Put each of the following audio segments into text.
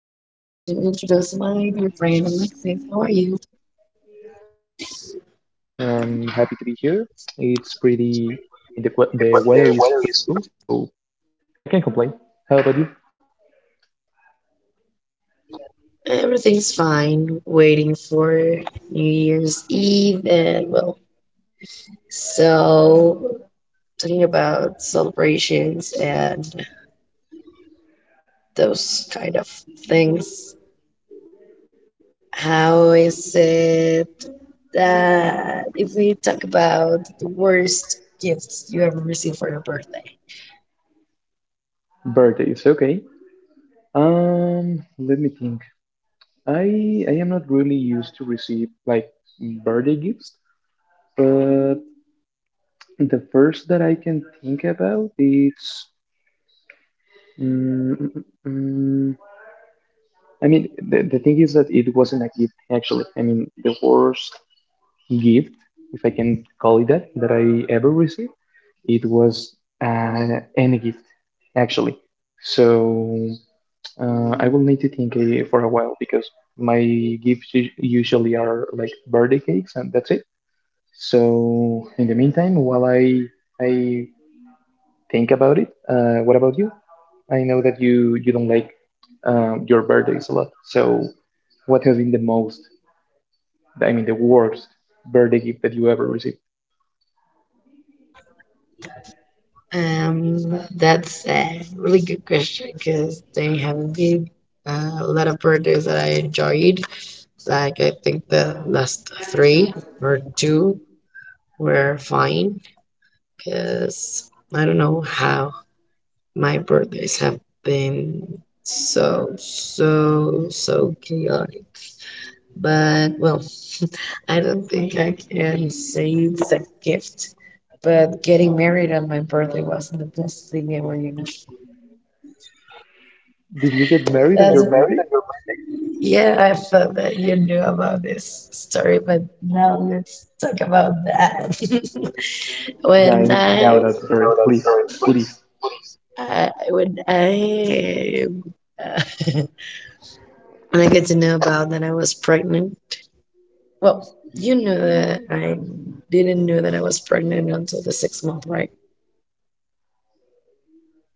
introduce my dear friend Alexis. How are you? I'm doing great. I'm happy to be here. It's pretty, the weather is pretty cool, so I can't complain. How about you? Everything's fine. Waiting for New Year's Eve and well, so talking about celebrations and those kind of things. How is it that if we talk about the worst gifts you ever received for your birthday? Birthday is okay. Let me think. I am not really used to receive like birthday gifts, but the first that I can think about is. Mm, mm, mm, mm, I mean, the thing is that it wasn't a gift actually. I mean, the worst gift, if I can call it that, that I ever received. It was any gift, actually. So I will need to think for a while because my gifts usually are like birthday cakes, and that's it. So in the meantime, while I think about it, what about you? I know that you don't like your birthdays a lot. So what has been I mean, the worst birthday gift that you ever received? That's a really good question because they have been a lot of birthdays that I enjoyed. Like I think the last three or two were fine because I don't know how my birthdays have been so chaotic. But well, I don't think I can say it's a gift. But getting married on my birthday wasn't the best thing ever, you know. Did you get married on That's your very birthday? good. Yeah, I thought that you knew about this story, but now let's talk about that. Yeah, I when need to know I, that story, please, please. when I uh, when I get to know about that I was pregnant. Well, you knew that I didn't know that I was pregnant until the sixth month, right?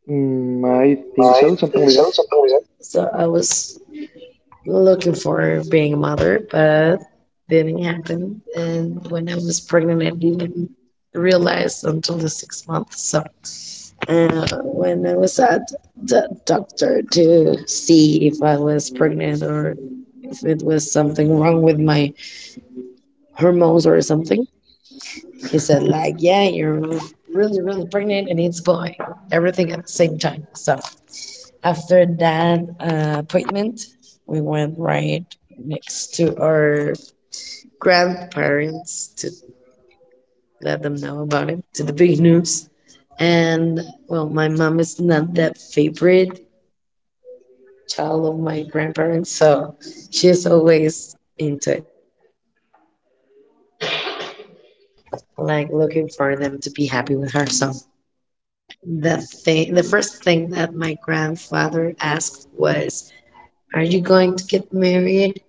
Mm, I think so, something like that. So I was looking for being a mother, but didn't happen. And when I was pregnant, I didn't realize until the 6 months. So when I was at the doctor to see if I was pregnant or if it was something wrong with my hormones or something, he said like, "Yeah, you're really, really pregnant, and it's boy, everything at the same time." So after that appointment, we went right next to our grandparents to let them know about it, to the big news. And well, my mom is not that favorite child of my grandparents, so she's always into it, like looking for them to be happy with her. So the Okay. thing, the first thing that my grandfather asked was, "Are you going to get married?"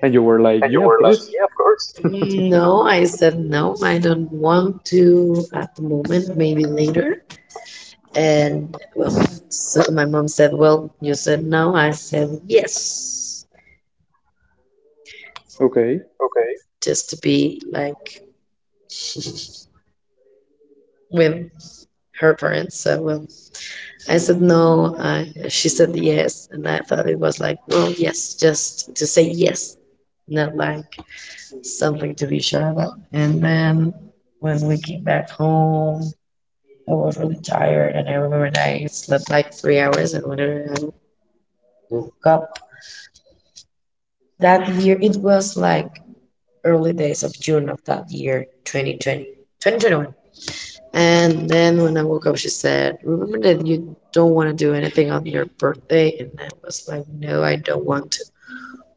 And you were like, And you yeah, of were like, course. yeah, of course. No, I said no, I don't want to at the moment, maybe later. And well, so my mom said, "Well, you said no. I said yes," Okay. okay, just to be like with her parents. So, well, I said no. I, she said yes. And I thought it was like, well, yes, just to say yes, not like something to be sure about. And then when we came back home, I was really tired, and I remember that I slept like 3 hours, and whenever I woke up that year, it was like early days of June of that year, twenty twenty one. And then when I woke up, she said, "Remember that you don't want to do anything on your birthday?" And I was like, "No, I don't want to."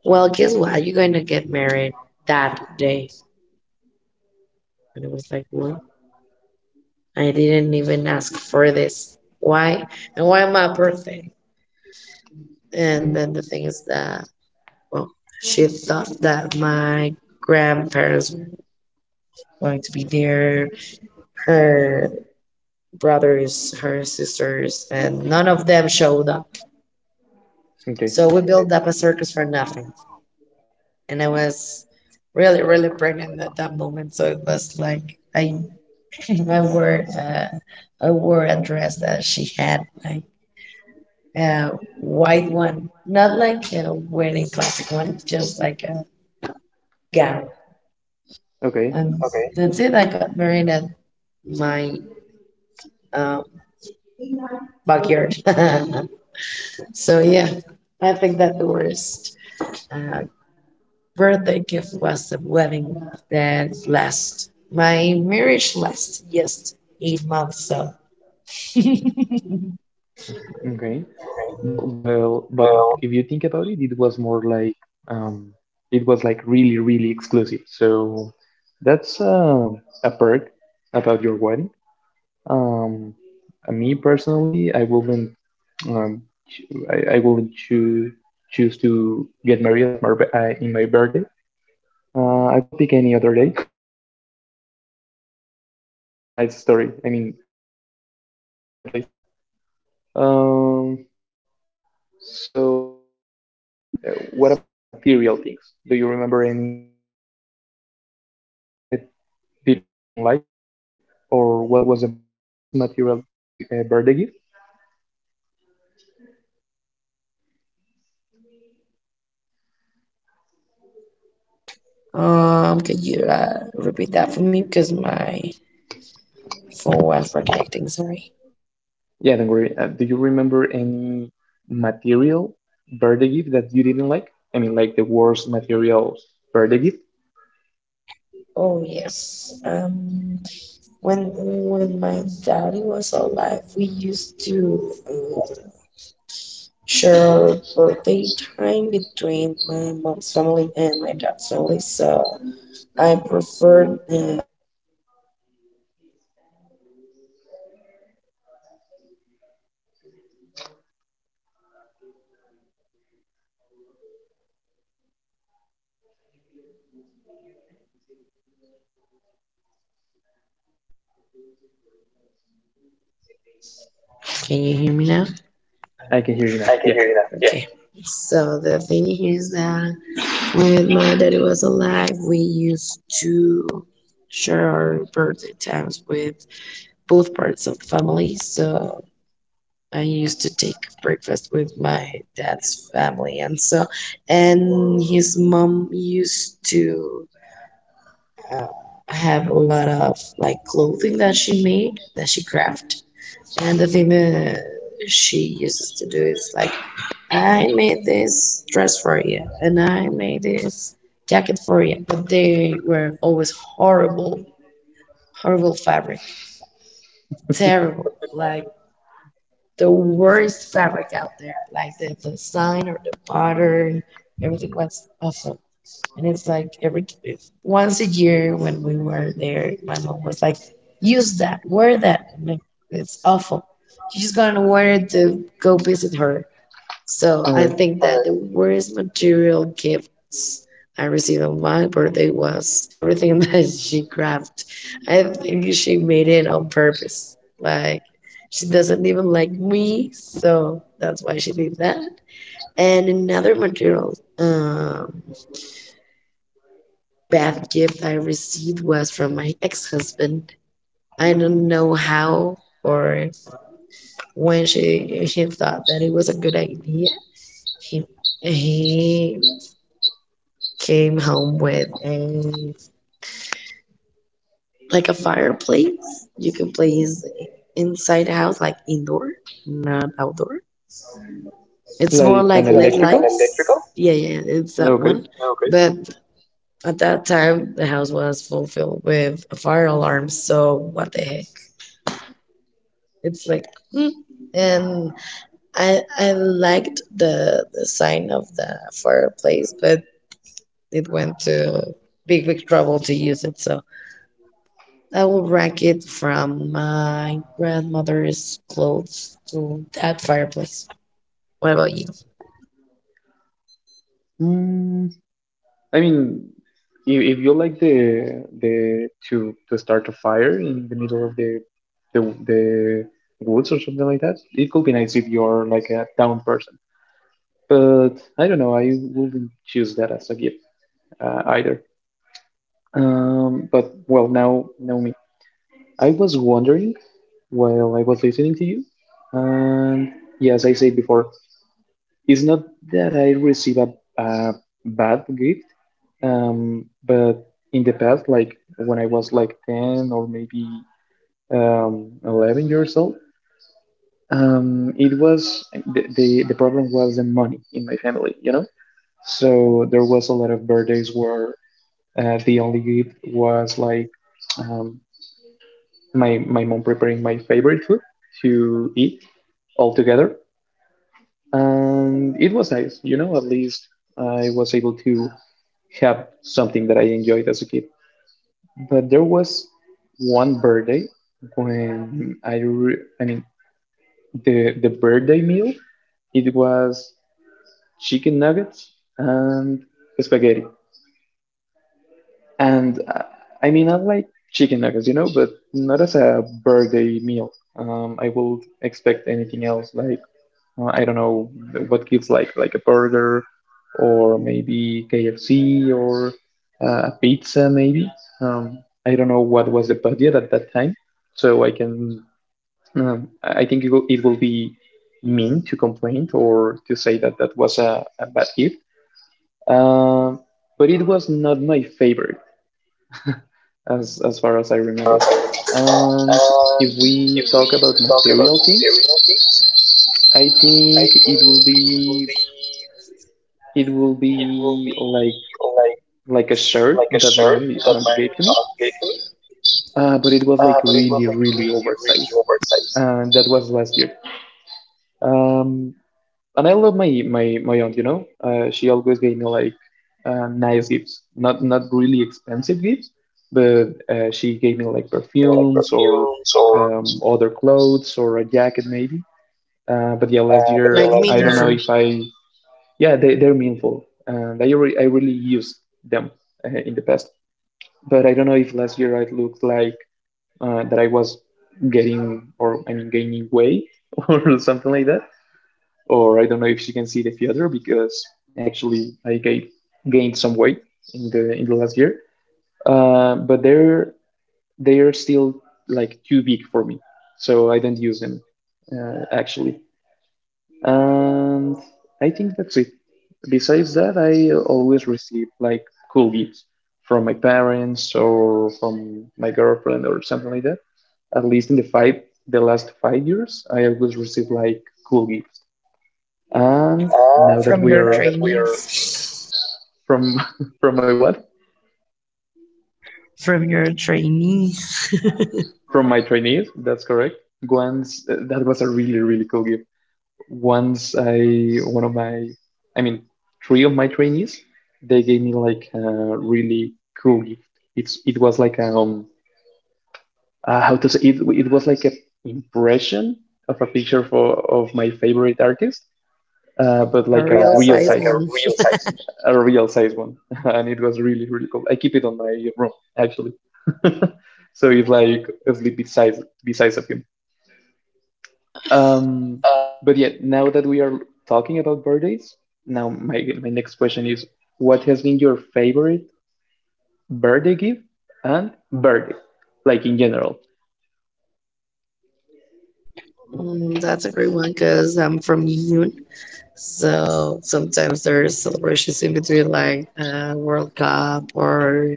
"Well, guess what? You're going to get married that day." And I was like, "What? I didn't even ask for this. Why? And why my birthday?" Mm-hmm. And then the thing is that, well, she thought that my grandparents were going to be there, her brothers, her sisters, and none of them showed up. Okay. So we built up a circus for nothing. And I was really, really pregnant at that moment. So it was like I, I wore, uh, I wore a dress that she had, like a white one, not like a wedding classic one, just like a gown. Okay. And okay, that's it. I got married at my um, backyard. So yeah, I think that the worst uh, birthday gift was the wedding that last. My marriage last just 8 months. So Okay. But well, but if well, you think about it, it was more like um, it was like really, really exclusive. So that's a perk about your wedding. Um, me personally, I wouldn't. Um, ch- I wouldn't choose to get married at in my birthday. I will pick any other day. But I think it's a nice story. I mean, it's interesting at least. Um, so, and What about material things? Do you remember any material birthday gift that you didn't like, or what was the worst material birthday gift? Could you repeat that for me because my phone was reconnecting. Sorry. Yeah, don't worry. Do you remember any material birthday gift that you didn't like? I mean, like the worst materials birthday gift? Oh yes. When my daddy was alive, we used to share birthday time between my mom's family and my dad's family. So I preferred when his family was earlier that day because it's more. Can you hear me now? Can you hear me now? I can hear you now. I can Yeah. hear you now. Yeah. Okay. So the thing is that when my daddy was alive, we used to share our birthday times with both parts of the family. So I used to take breakfast with my dad's family, and so, and his mom used to uh, have a lot of like clothing that she made, that she crafted. And the thing that she uses to do is like, I made this dress for you, and I made this jacket for you, but they were always horrible, horrible fabric, terrible, like the worst fabric out there. Like the sign or the pattern, everything was awesome. And it's like every once a year when we were there, my mom was like, "Use that, wear that." I like, it's awful. She's gonna wear it to go visit her. So All I right. think that the worst material gifts I received on my birthday was everything that she crafted. I think she made it on purpose. Like she doesn't even like me, so that's why she did that. And another material bad gift I received was from my ex-husband. I don't know how or when she he thought that it was a good idea. He he came home with a like a fireplace you can play inside the house, like indoor, not outdoor. It's more Like like, an yeah, led is electrical? that electrical? Yeah, yeah, it's that Okay. one. Okay, but at that time the house was fulfilled with a fire alarm, so what the heck. It's like mm. And I liked the sign of the fireplace, but it went to big trouble to use it. So I will rank it from my grandmother's clothes to that fireplace. What about you? Mm, I mean, if you like the to start a fire in the middle of the woods or something like that, it could be nice if you're like a down person. But I don't know. I wouldn't choose that as a gift either. But well, now me. I was wondering while I was listening to you, and yes, I said before, it's not that I receive a bad gift, but in the past, like when I was like 10 or maybe 11 years old, it was the problem was the money in my family, you know? So there was a lot of birthdays where the only gift was like um, my mom preparing my favorite food to eat all together. And it was nice, at least I was able to have something that I enjoyed as a kid. But there was one birthday when I mean, the birthday meal it was chicken nuggets and spaghetti, and I mean I like chicken nuggets, but not as a birthday meal. I would expect anything else like I don't know what gives like a burger or maybe KFC or pizza maybe. Um, I don't know what was the budget at that time, so I can I think it will be mean to complain or to say that that was a bad gift. Um, but it was not my favorite as far as I remember. And if And we if we talk about talk about material things, serial things, I I think it think will it will be be it will it will be be like like a shirt like a that shirt my that aunt my gave aunt to me, gave me, but it was like but it was really like really really really oversized, oversized, and that was last year. Um, and I love my my aunt. You know, she always gave me like nice gifts, not really expensive gifts, but she gave me like you know, like perfumes or perfumes or. Other clothes or a jacket maybe. But yeah, last But the like year last I year, don't know meaningful if I yeah they, they're meaningful and I really used them in the past but I don't know if last year I looked like that I was getting or I mean gaining weight or something like that or I don't know if she can see the future because actually I gained some weight in the last year, but they are still like too big for me so I don't use them actually. And I think that's it. Besides that, I always receive like cool gifts from my parents or from my girlfriend or something like that. At least in the last 5 years, I always receive like cool gifts. And now that from we your now are that we are trainees. from from my what? From your trainees. From my trainees, that's correct. Once That was a really really cool gift. Once I one of my I mean Three of my trainees, they gave me like a really cool gift. It was like how to say it, it was like a impression of a picture for of my favorite artist, but A like a real but real size like a size, one. Real size. a real size one, and it was really really cool. I keep it on my room actually, so it's like a sleep besides of him. Um, but yet, now that we are talking about birthdays, now my next question is, what has been your favorite birthday gift and birthday, like in general? Mm, that's a great one because I'm from Yun. So sometimes there's celebrations in between, like World Cup or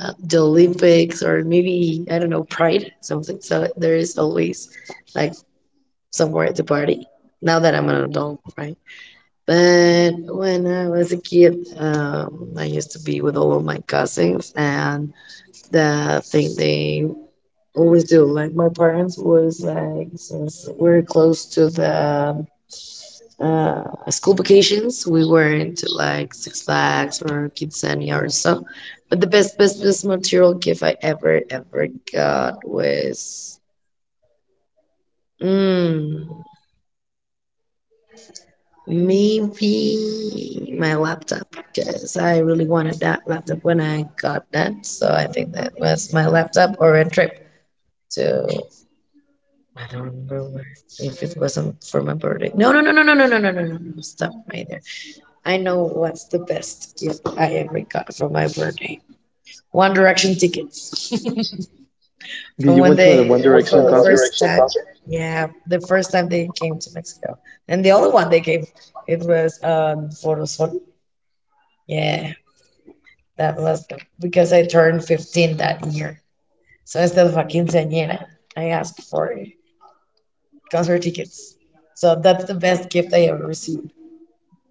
the Olympics, or maybe, I don't know, Pride, something. So there is always like somewhere at the party. Now that I'm an adult, right? But when I was a kid, I used to be with all of my cousins, and the thing they always do. Like my parents was like since we're close to the school vacations, we were into like Six Flags or Kidzania or so. But the best material gift I ever, ever got was mm, maybe my laptop because I really wanted that laptop when I got that. So I think that was my laptop or a trip to I don't remember where. If it wasn't for my birthday. No, no, no, no, no, no, no, no, no, no, no. Stop right there. I know what's the best gift I ever got for my birthday. One Direction tickets. Did From you when went to a they, One from Direction the One concert? first Direction time, concert? Yeah, the first time they came to Mexico. And the other one they gave, it was Forosol. Yeah, that was the, because I turned 15 that year. So instead of a quinceañera, I asked for concert tickets. So that's the best gift I ever received.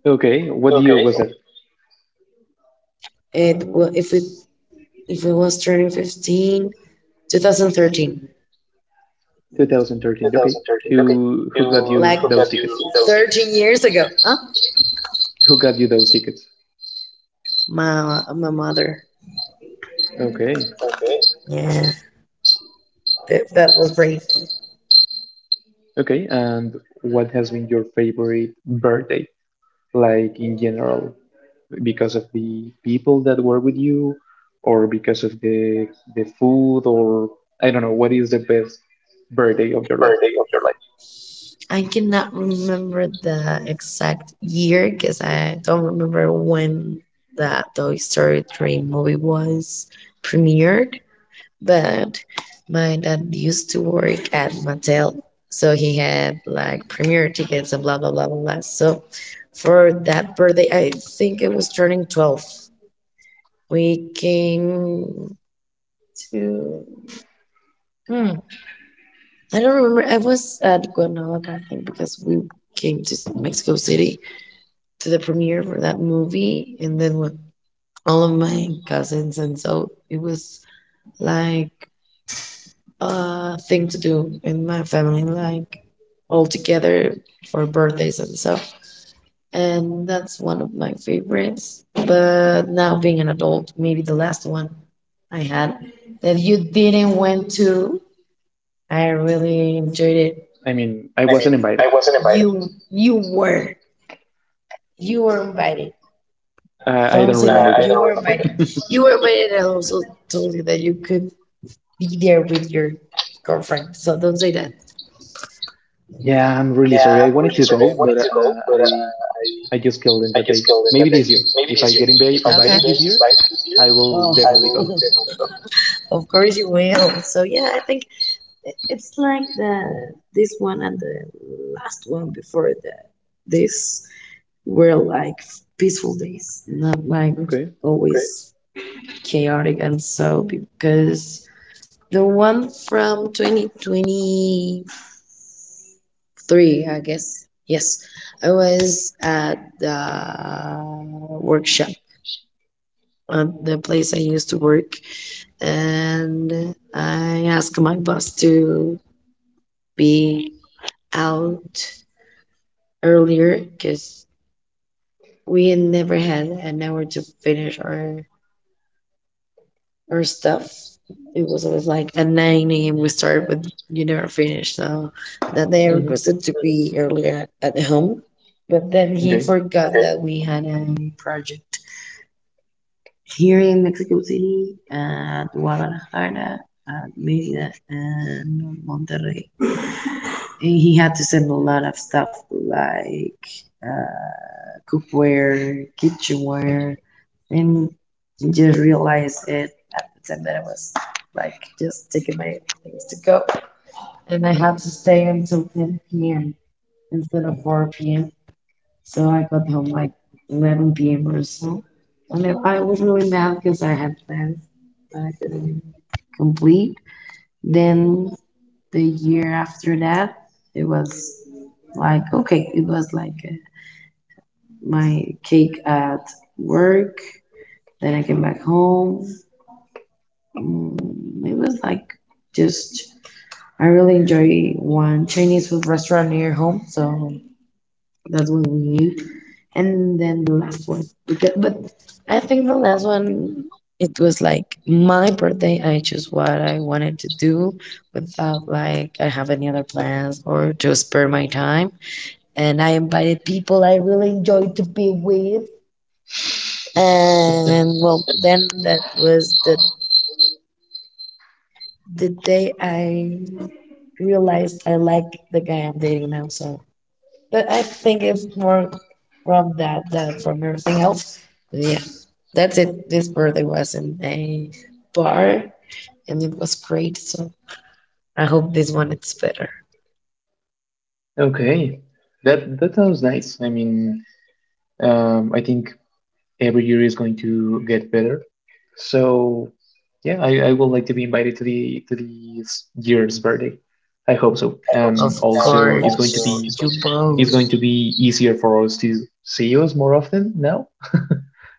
Okay, what year Okay. was that? It wa- if it was turning 15, 2013, 2013. Okay, 2013. Okay. Who got You you like forgot those you tickets? told me. 13 years ago, huh? Who got you those tickets? My mother. Okay, Okay. Yeah, that, that was brave. okay, and what has been your favorite birthday, like in general, because of the people that were with you, or because of the food, or I don't know, what is the best birthday of your life? Birthday of your life. I cannot remember the exact year because I don't remember when that Toy Story 3 movie was premiered, but my dad used to work at Mattel, so he had like premiere tickets and blah blah blah blah blah. So for that birthday, I think it was turning 12. We came to hmm, I don't remember. I was at Guanajuato, I think, because we came to Mexico City to the premiere for that movie, and then with all of my cousins, and so it was like thing to do in my family, like all together for birthdays and stuff. And that's one of my favorites. But now being an adult, maybe the last one I had that you didn't went to, I really enjoyed it. I mean, I I mean, wasn't invited. I wasn't invited. You were invited. I Don't don't say remember that. I You don't were remember. that. Invited. You were invited. I also told you that you could be there with your girlfriend. So don't say that. Yeah, I'm really Yeah, sorry. I I'm wanted really to sorry. go, I but wanted to go, but I I just killed in I that day. just killed it Maybe that day. this year, Maybe if I this year. get If I okay get invited this year, invited this year, I will I definitely will go. definitely go. Of course you will. So yeah, I think it's like the this one and the last one before the this were like peaceful days, not like Okay. always right chaotic and so because the one from 2020 three, I guess. Yes, I was at the workshop at the place I used to work, and I asked my boss to be out earlier because we never had an hour to finish our stuff. It was always like at 9 a.m. we started, but you never finished. So that day I Hmm. requested to be earlier at home, but then he Okay. forgot that we had a project here in Mexico City, at Guadalajara, at Mérida, and Monterrey. And he had to send a lot of stuff like uh, cookware, kitchenware, and he just realized it at the time that I was like just taking my things to go, and I had to stay until 10 p.m. instead of 4 p.m. So I got home like 11 p.m. or so. And then I was really mad because I had plans that I couldn't complete. Then the year after that, it was like, okay, it was like my cake at work. Then I came back home. Mm, it was like just, I really enjoy one Chinese food restaurant near home. So that's what we need. And then the last one. Because, but I think the last one, it was like my birthday. I chose what I wanted to do without like I have any other plans or to spare my time. And I invited people I really enjoyed to be with. And well, then that was the day I realized I like the guy I'm dating now. So but I think it's more from that than from everything else. But yeah, that's it. This birthday was in a bar and it was great. So I hope this one is better. Okay. That that sounds nice. I mean, I think every year is going to get better. So, yeah, I would like to be invited to the year's birthday. I hope so. I hope so. Of And and also, course, also, you both. it's going to be easier for us to see us more often now.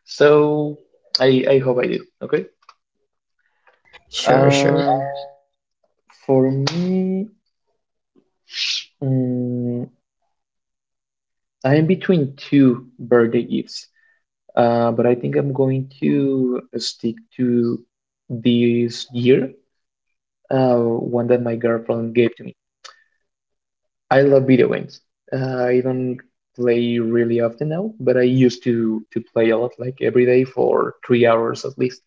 So I hope I do. Okay. Sure, sure. And Um, for me, mm I'm between two birthday gifts. But I think I'm going to stick to this year. One that my girlfriend gave to me. I love video games. I don't play really often now, but I used to play a lot, like every day for 3 hours at least.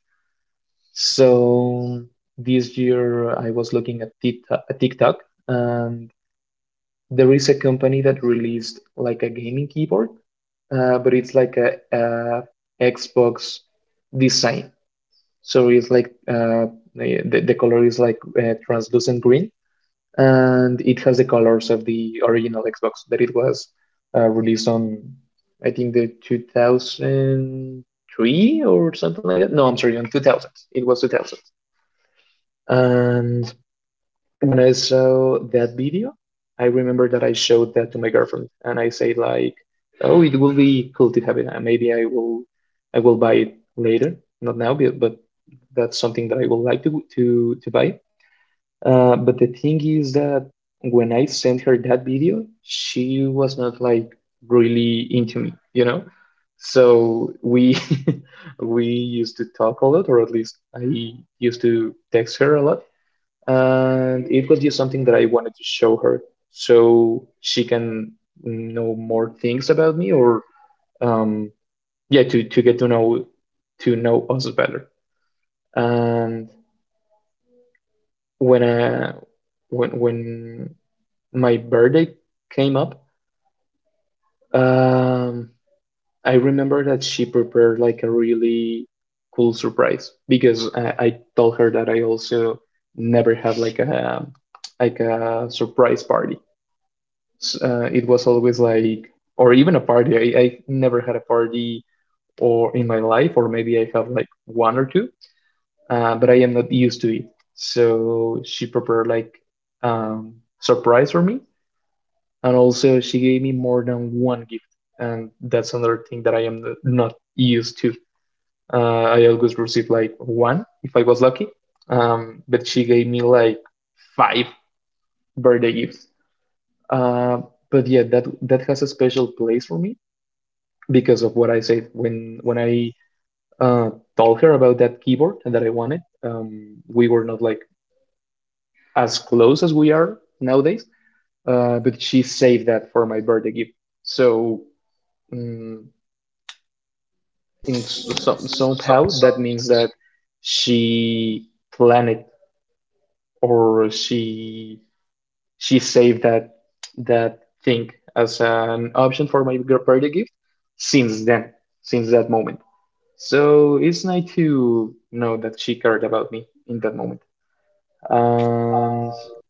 So this year I was looking at TikTok, and there is a company that released like a gaming keyboard, but it's like a Xbox design. So it's like the color is like translucent green and it has the colors of the original Xbox that it was released on, I think the 2003 or something like that. No, I'm sorry, on 2000. It was 2000. And when I saw that video, I remember that I showed that to my girlfriend, and I said like, "Oh, it will be cool to have it, and maybe I will buy it later, not now, but that's something that I would like to to buy." But the thing is that when I sent her that video, she was not like really into me, you know. So we we used to talk a lot, or at least I used to text her a lot and it was just something that I wanted to show her so she can know more things about me or um, yeah, to get to know us better. And when I, when my birthday came up, um, I remember that she prepared like a really cool surprise because I told her that I also never had like a surprise party, s- it was always like, or even a party. I never had a party or in my life, or maybe I have like one or two, but I am not used to it. So she prepared like um, surprise for me, and also she gave me more than one gift, and that's another thing that I am not used to. I always receive like one if I was lucky, but she gave me like five birthday gifts. Uh, but yeah, that that has a special place for me because of what I said when I uh, told her about that keyboard and that I wanted. We were not like as close as we are nowadays, but she saved that for my birthday gift. So um, in s- some somehow so, that means that she planned it, or she saved that thing as an option for my birthday gift since then, since that moment. So it's nice to know that she cared about me in that moment. And um,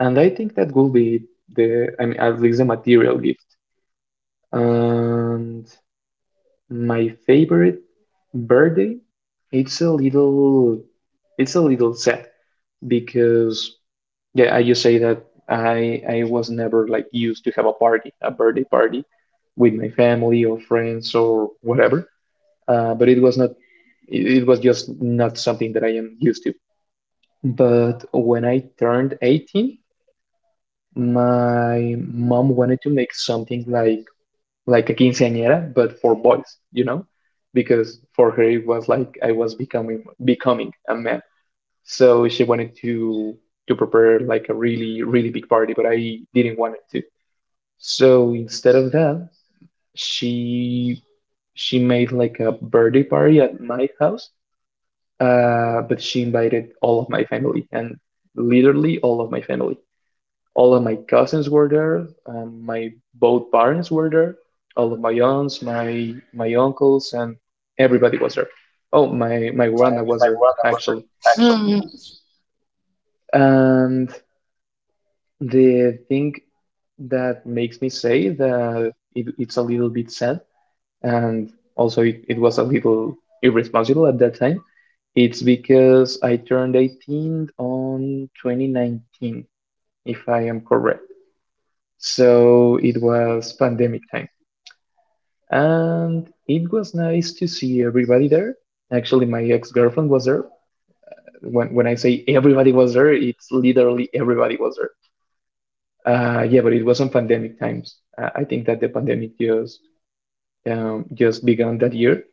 and I think that will be the I mean at least the material gift. And my favorite birthday, it's a little it's a little sad because yeah, I just say that I was never like used to have a party, a birthday party with my family or friends or whatever. But it was not It was just not something that I am used to. But when I turned 18, my mom wanted to make something like a quinceañera, but for boys, you know, because for her it was like I was becoming a man. So she wanted to prepare like a really really big party, but I didn't want it to. So instead of that, she she made like a birthday party at my house. But she invited all of my family, and literally all of my family. All of my cousins were there. My both parents were there. All of my aunts, my uncles, and everybody was there. Oh, my grandma if was I there run, I actually. will survive. And the thing that makes me say that it's a little bit sad, and also it was a little irresponsible at that time. It's because I turned 18 on 2019, if I am correct. So it was pandemic time. And it was nice to see everybody there. Actually, my ex-girlfriend was there. When I say everybody was there, it's literally everybody was there. Yeah, but it was on pandemic times. I think that the pandemic just began that year.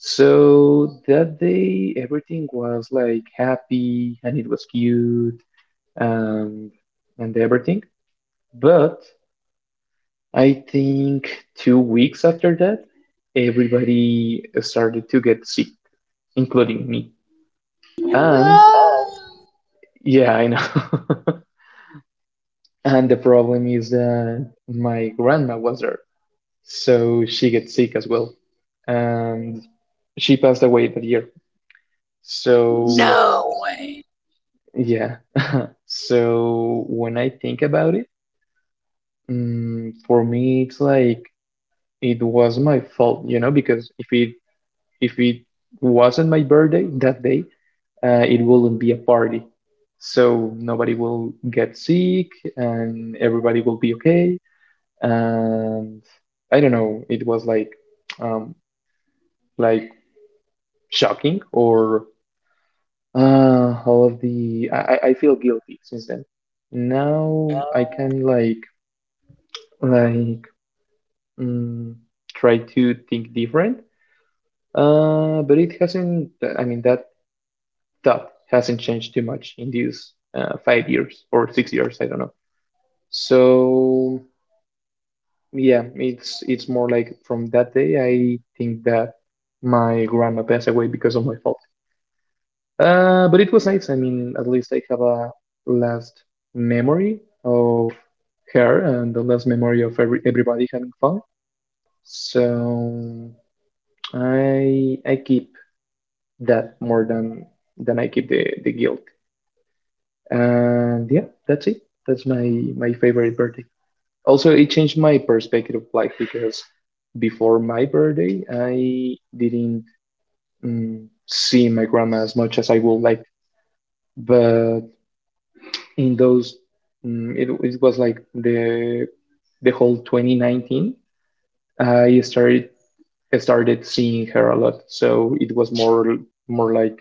So that day, everything was like happy and it was cute, um, and everything. But I think 2 weeks after that, everybody started to get sick, including me. Hmm. And No. yeah, I know. And the problem is that my grandma was there, so she gets sick as well. And she passed away that year. So So no way. yeah. So when I think about it, for me, it's like it was my fault, because if it wasn't my birthday that day, it wouldn't be a party. So nobody will get sick and everybody will be okay. And I don't know, it was um like shocking, or all of the I feel guilty since then. Now I Now, can like like mm, try to think different. But it hasn't. I mean, that thought hasn't changed too much in these 5 years or 6 years. I don't know. So yeah, it's more like from that day I think that my grandma passed away because of my fault. But it was nice. I mean, at least I have a last memory of her and the last memory of everybody having fun. So I keep that more than I keep the guilt. And yeah, that's it. That's my my favorite birthday. Also, it changed my perspective of life because before my birthday, I didn't mm, see my grandma as much as I would like. But in those, it it was like the whole 2019, I started I started seeing her a lot. So it was more more like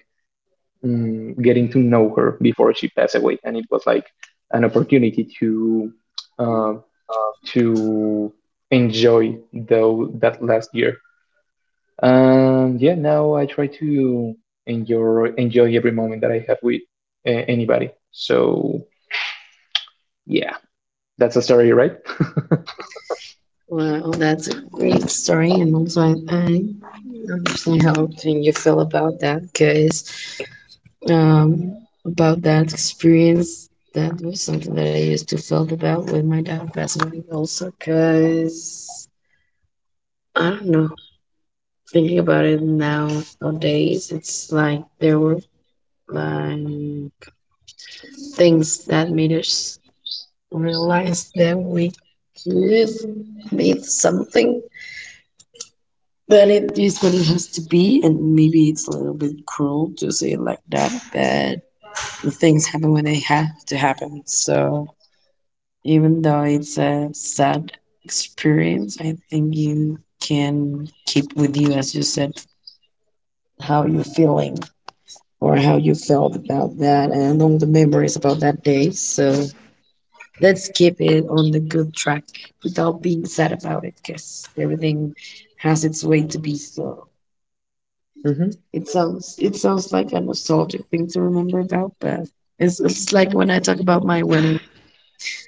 getting to know her before she passed away, and it was like an opportunity to uh, to enjoy though that last year. And yeah, now I try to enjoy every moment that I have with anybody. So yeah, that's a story, right? wow, that's a great story, and also I understand how can you feel about that, guys. um, about that experience. That was something that I used to felt about with my dad passing away also because I don't know. Thinking about it now nowadays, it's like there were like things that made us realize that we could make something that it is what it has to be, and maybe it's a little bit cruel to say it like that, but the things happen when they have to happen. So even though it's a sad experience, I think you can keep with you, as you said, how you're feeling or how you felt about that and all the memories about that day. So let's keep it on the good track without being sad about it, because everything has its way to be. So hmm it sounds like a nostalgic thing to remember about, but it's like when I talk about my wedding,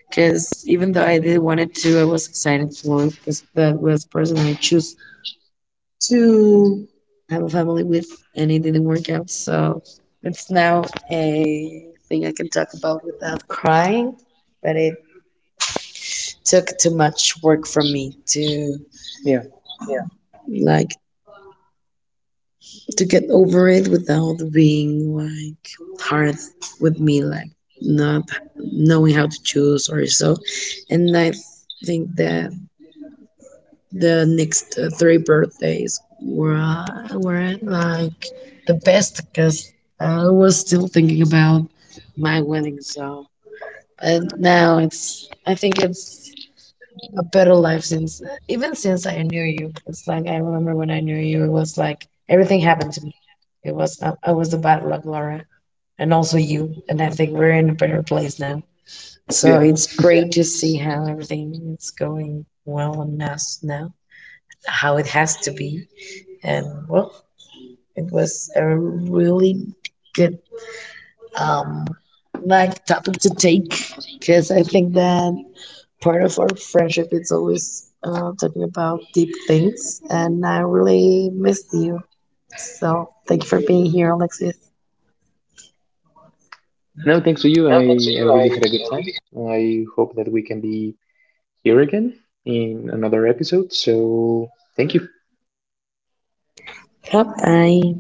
because even though I did wanted to, I was excited for it because that was the person I choose to have a family with, and it didn't work out. So it's now a thing I can talk about without crying. But it took too much work from me to Yeah, yeah, like to get over it without being like hard with me, like not knowing how to choose or so. And I think that the next three birthdays were like the best because I was still thinking about my wedding. So, but now it's I think it's a better life since even since I knew you. It's like I remember when I knew you, it was like everything happened to me. It was I was the bad luck, Laura, and also you. And I think we're in a better place now. So yeah. it's great to see how everything is going well on us now, how it has to be. And well, it was a really good um, like topic to take because I think that part of our friendship is always talking about deep things, and I really missed you. So thank you for being here, Alexis. No, thanks to you, No, thanks to you. I really I, had a good I time. really. I hope that we can be here again in another episode. So thank you. Bye bye.